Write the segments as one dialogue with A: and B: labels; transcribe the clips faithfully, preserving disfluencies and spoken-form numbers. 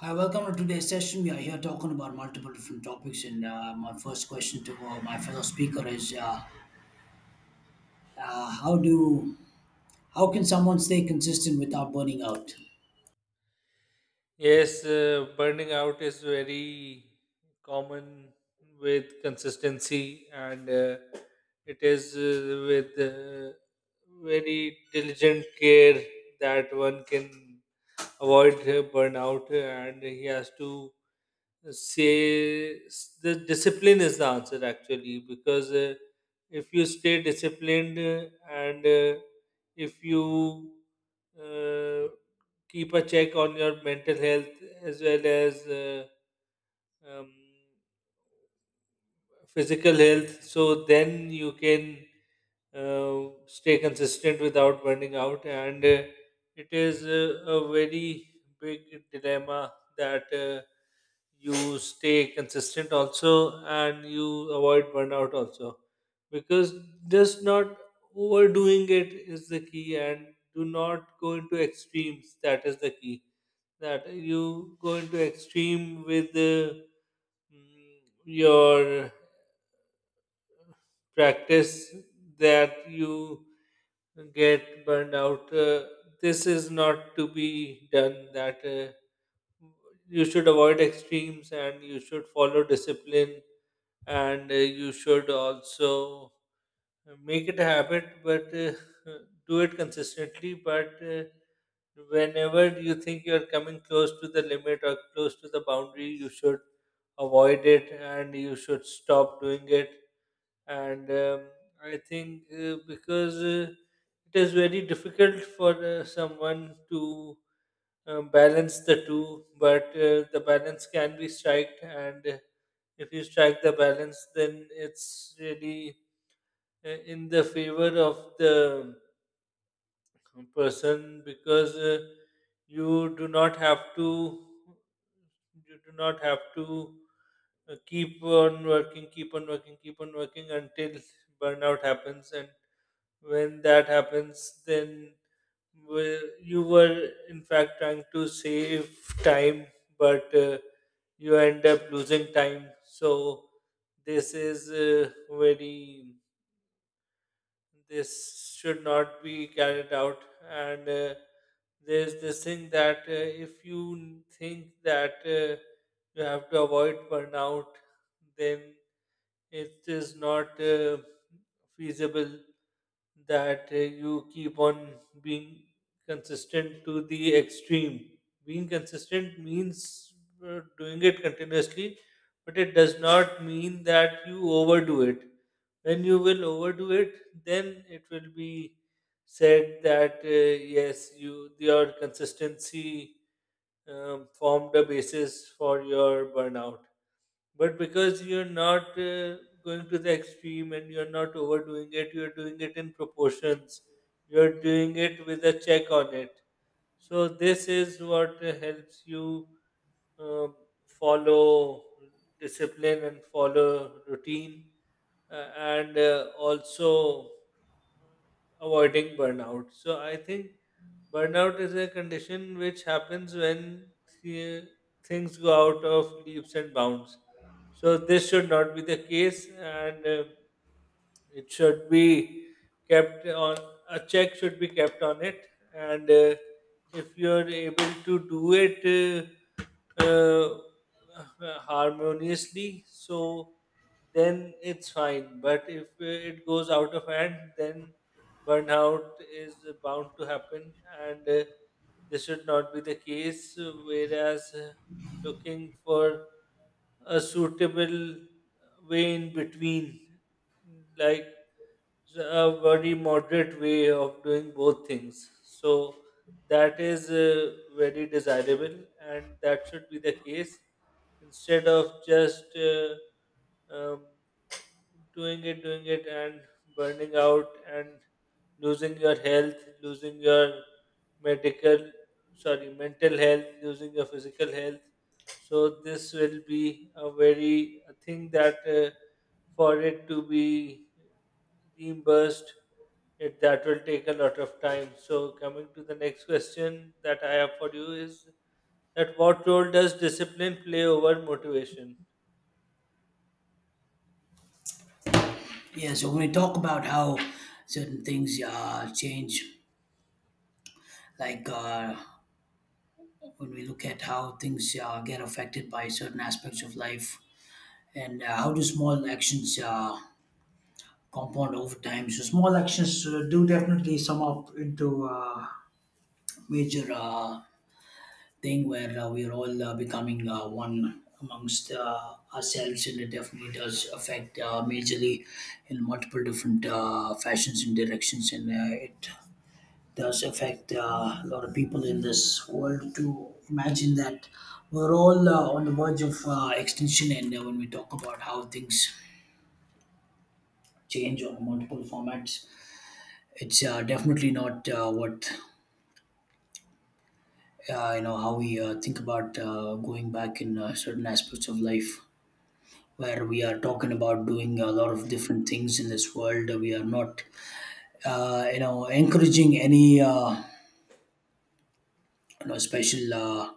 A: Hi, welcome to today's session. We are here talking about multiple different topics, and uh, my first question to uh, my fellow speaker is: uh, uh, How do how can someone stay consistent without burning out?
B: Yes, uh, burning out is very common with consistency, and uh, it is uh, with uh, very diligent care that one can avoid uh, burnout uh, and he has to say s- the discipline is the answer actually because uh, if you stay disciplined uh, and uh, if you uh, keep a check on your mental health as well as uh, um, physical health so then you can uh, stay consistent without burning out, and uh, it is uh, a very big dilemma that uh, you stay consistent also and you avoid burnout also because just not overdoing it is the key, and do not go into extremes. That is the key, that you go into extreme with uh, mm, your practice that you get burned out. Uh, this is not to be done. That uh, you should avoid extremes and you should follow discipline, and uh, you should also make it a habit, but uh, do it consistently. But uh, whenever you think you're coming close to the limit or close to the boundary, you should avoid it and you should stop doing it. And um, I think uh, because uh, it is very difficult for uh, someone to uh, balance the two, but uh, the balance can be struck, and uh, if you strike the balance, then it's really uh, in the favor of the person, because uh, you do not have to you do not have to uh, keep on working, keep on working keep on working until burnout happens. And when that happens, then well, you were in fact trying to save time, but uh, you end up losing time. So this is uh, very this should not be carried out. And uh, there's this thing, that uh, if you think that uh, you have to avoid burnout, then it is not uh, feasible that uh, you keep on being consistent to the extreme. Being consistent means uh, doing it continuously, but it does not mean that you overdo it. When you will overdo it, then it will be said that uh, yes, you your consistency um, formed a basis for your burnout. But because you're not uh, going to the extreme and you're not overdoing it, you're doing it in proportions, you're doing it with a check on it. So this is what uh, helps you um follow discipline and follow routine, uh, and uh, also avoiding burnout. So I think burnout is a condition which happens when uh, things go out of leaps and bounds. So this should not be the case, and uh, it should be kept on a check should be kept on it. And uh, if you're able to do it uh, uh, harmoniously, so then it's fine, but if uh, it goes out of hand, then burnout is bound to happen. And uh, this should not be the case, whereas uh, looking for a suitable way in between, like s- a very moderate way of doing both things. So that is uh, very desirable, and that should be the case instead of just uh, um, doing it, doing it, and burning out and losing your health, losing your medical, sorry, mental health, losing your physical health. So this will be a very a thing, that uh, for it to be reimbursed, it that will take a lot of time. So coming to the next question that I have for you is, that what role does discipline play over motivation?
A: Yeah, so when we talk about how certain things uh, change, like uh, when we look at how things uh, get affected by certain aspects of life, and uh, how do small actions uh, compound over time? So small actions uh, do definitely sum up into uh, major. Uh, thing where uh, we're all uh, becoming uh, one amongst uh, ourselves, and it definitely does affect uh, majorly in multiple different uh, fashions and directions, and uh, it does affect uh, a lot of people in this world to imagine that we're all uh, on the verge of uh, extinction. And uh, when we talk about how things change on multiple formats, it's uh, definitely not uh, what, uh, you know, how we uh, think about uh, going back in uh, certain aspects of life, where we are talking about doing a lot of different things in this world. We are not, uh, you know, encouraging any, uh, you know, special uh,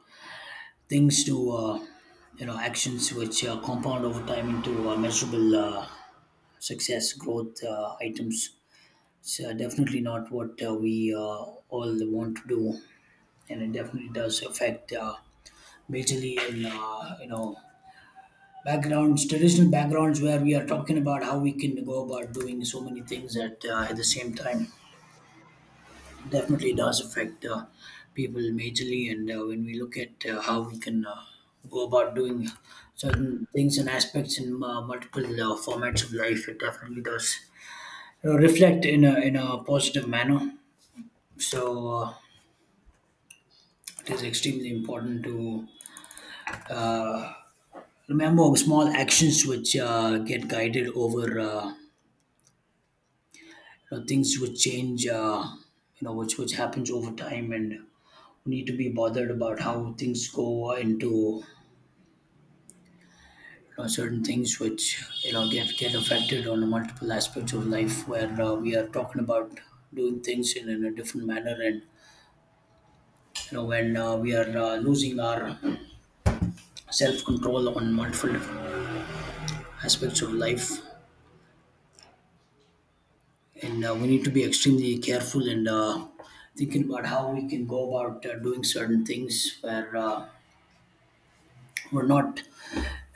A: things to, uh, you know, actions which uh, compound over time into uh, measurable uh, success growth uh, items. It's uh, definitely not what uh, we uh, all want to do, and it definitely does affect uh, majorly in, uh, you know, backgrounds, traditional backgrounds, where we are talking about how we can go about doing so many things at uh, at the same time. Definitely does affect uh, people majorly. And uh, when we look at uh, how we can uh, go about doing certain things and aspects in uh, multiple uh, formats of life, it definitely does uh, reflect in a in a positive manner. So uh, it is extremely important to uh, remember small actions which uh, get guided over, uh, you know, things would change, uh, you know, which which happens over time. And we need to be bothered about how things go into, you know, certain things which, you know, get get affected on multiple aspects of life, where uh, we are talking about doing things in, in a different manner, and, you know, when uh, we are uh, losing our self control on multiple different aspects of life. And uh, we need to be extremely careful and. Uh, thinking about how we can go about uh, doing certain things where uh, we're not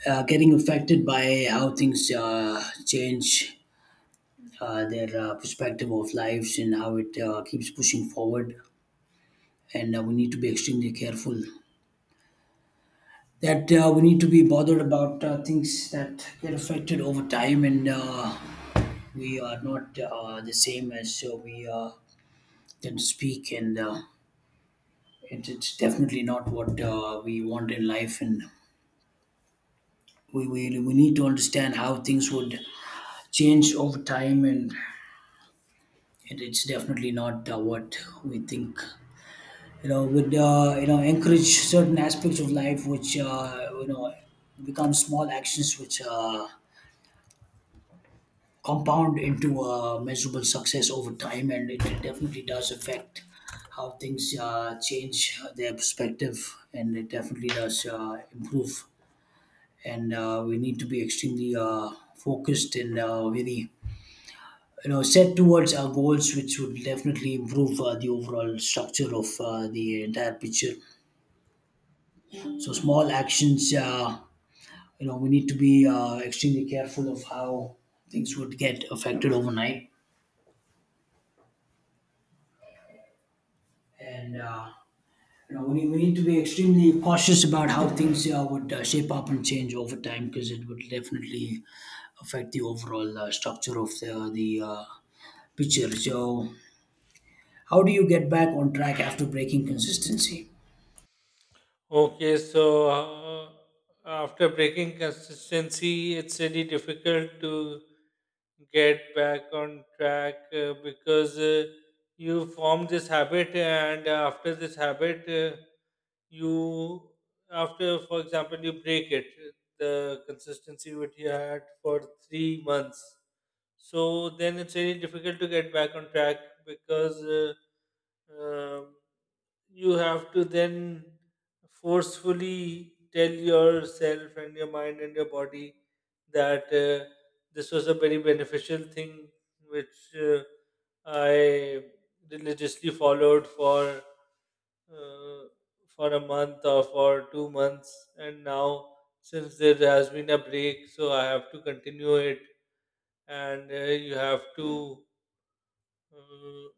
A: uh, getting affected by how things uh, change uh, their uh, perspective of lives and how it uh, keeps pushing forward. And uh, we need to be extremely careful that uh, we need to be bothered about uh, things that get affected over time. And uh, we are not uh, the same as uh, we uh, tend to speak. And uh, it, it's definitely not what uh, we want in life. And we, we, we need to understand how things would change over time. and and it's definitely not uh, what we think, you know, would, uh, you know, encourage certain aspects of life which, uh, you know, become small actions which uh, compound into uh, measurable success over time. And it definitely does affect how things uh, change their perspective, and it definitely does uh, improve. And uh, we need to be extremely uh, focused and uh, very, you know, set towards our goals, which would definitely improve uh, the overall structure of uh, the entire picture. So small actions, uh, you know, we need to be uh, extremely careful of how things would get affected overnight. And uh, you know, we need, we need to be extremely cautious about how things uh, would uh, shape up and change over time, because it would definitely affect the overall uh, structure of the, the uh, picture. So how do you get back on track after breaking consistency?
B: Okay, so uh, after breaking consistency, it's really difficult to get back on track, uh, because uh, you form this habit, and after this habit, uh, you, after, for example, you break it, the consistency which you had for three months. So then it's really difficult to get back on track, because Uh, um you have to then forcefully tell yourself and your mind and your body that uh, this was a very beneficial thing which uh, I religiously followed for uh, for a month or for two months, and now since there has been a break, so I have to continue it. And uh, you have to uh,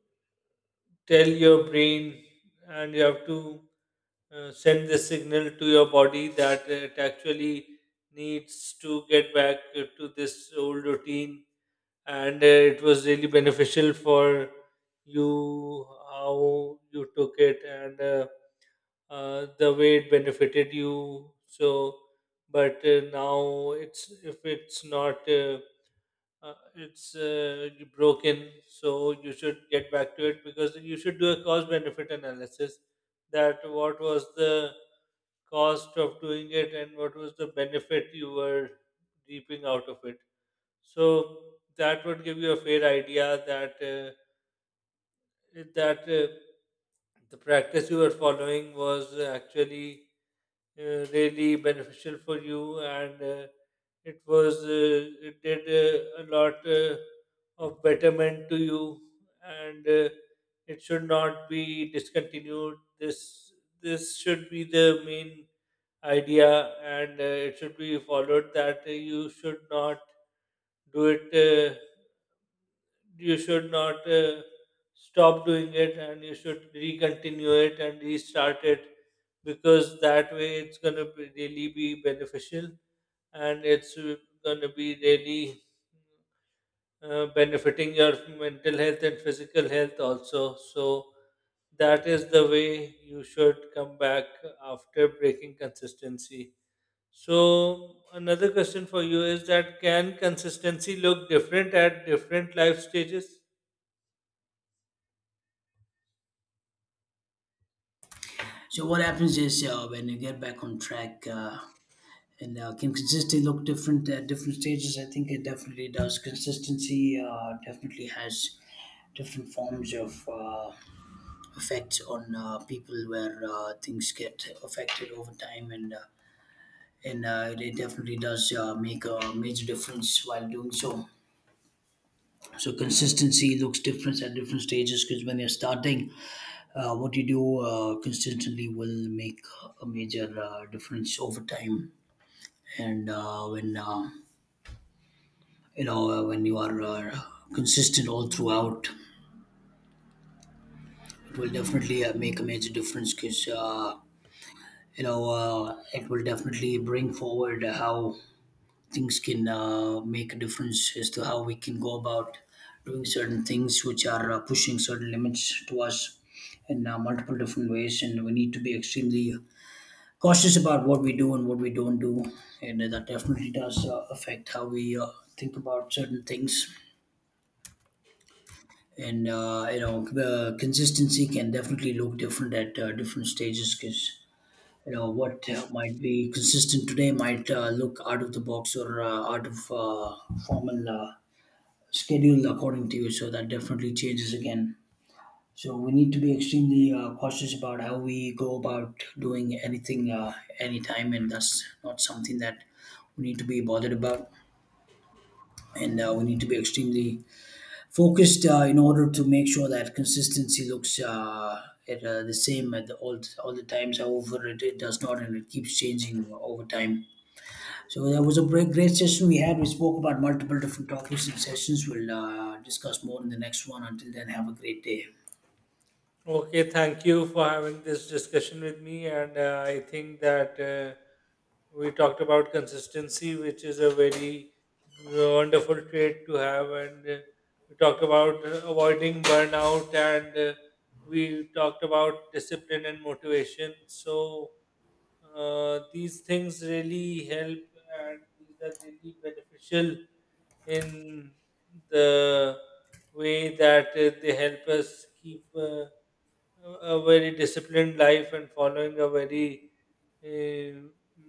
B: tell your brain, and you have to uh, send the signal to your body that it actually needs to get back uh, to this old routine. And uh, it was really beneficial for you how you took it, and uh, uh, the way it benefited you. So but uh, now it's if it's not uh, uh, it's uh, broken, so you should get back to it because you should do a cost benefit analysis, that what was the cost of doing it and what was the benefit you were reaping out of it. So that would give you a fair idea, that uh, that uh, the practice you were following was actually uh, really beneficial for you, and uh, it was uh, it did uh, a lot uh, of betterment to you. And uh, it should not be discontinued. This this should be the main idea, and uh, it should be followed, that uh, you should not do it uh, you should not uh, stop doing it, and you should recontinue it and restart it, because that way it's going to really be beneficial, and it's going to be really uh, benefiting your mental health and physical health also. So that is the way you should come back after breaking consistency. So another question for you is, that can consistency look different at different life stages?
A: So what happens is uh, when you get back on track, uh, and uh, can consistency look different at different stages? I think it definitely does. Consistency uh, definitely has different forms of uh, effects on uh, people, where uh, things get affected over time. And uh, and uh, It definitely does uh, make a major difference while doing so. So consistency looks different at different stages, because when you're starting, uh, what you do uh, consistently will make a major uh, difference over time. And uh, when uh, you know, uh, when you are uh, consistent all throughout, it will definitely uh, make a major difference, because uh, you know, uh, it will definitely bring forward how things can uh, make a difference as to how we can go about doing certain things which are uh, pushing certain limits to us in uh, multiple different ways. And we need to be extremely cautious about what we do and what we don't do. And that definitely does uh, affect how we uh, think about certain things. And uh, you know, the consistency can definitely look different at uh, different stages, because, you know, what uh, might be consistent today might uh, look out of the box or uh, out of uh, formal uh, schedule according to you. So that definitely changes again. So we need to be extremely uh, cautious about how we go about doing anything uh, anytime, and that's not something that we need to be bothered about. And uh, we need to be extremely focused uh, in order to make sure that consistency looks, uh, it, uh, the same at the, all, all the times. However, it, it does not, and it keeps changing over time. So that was a great, great session we had. We spoke about multiple different topics and sessions. We'll uh, discuss more in the next one. Until then, have a great day.
B: Okay, thank you for having this discussion with me. And uh, I think that uh, we talked about consistency, which is a very wonderful trait to have. And uh, we talked about uh, avoiding burnout, and uh, we talked about discipline and motivation. So uh, these things really help, and these are really beneficial in the way that uh, they help us keep Uh, a a very disciplined life, and following a very uh,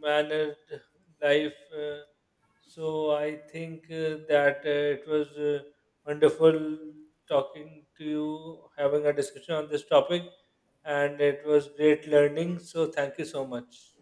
B: mannered life. Uh, so I think uh, that uh, it was uh, wonderful talking to you, having a discussion on this topic, and it was great learning. So thank you so much.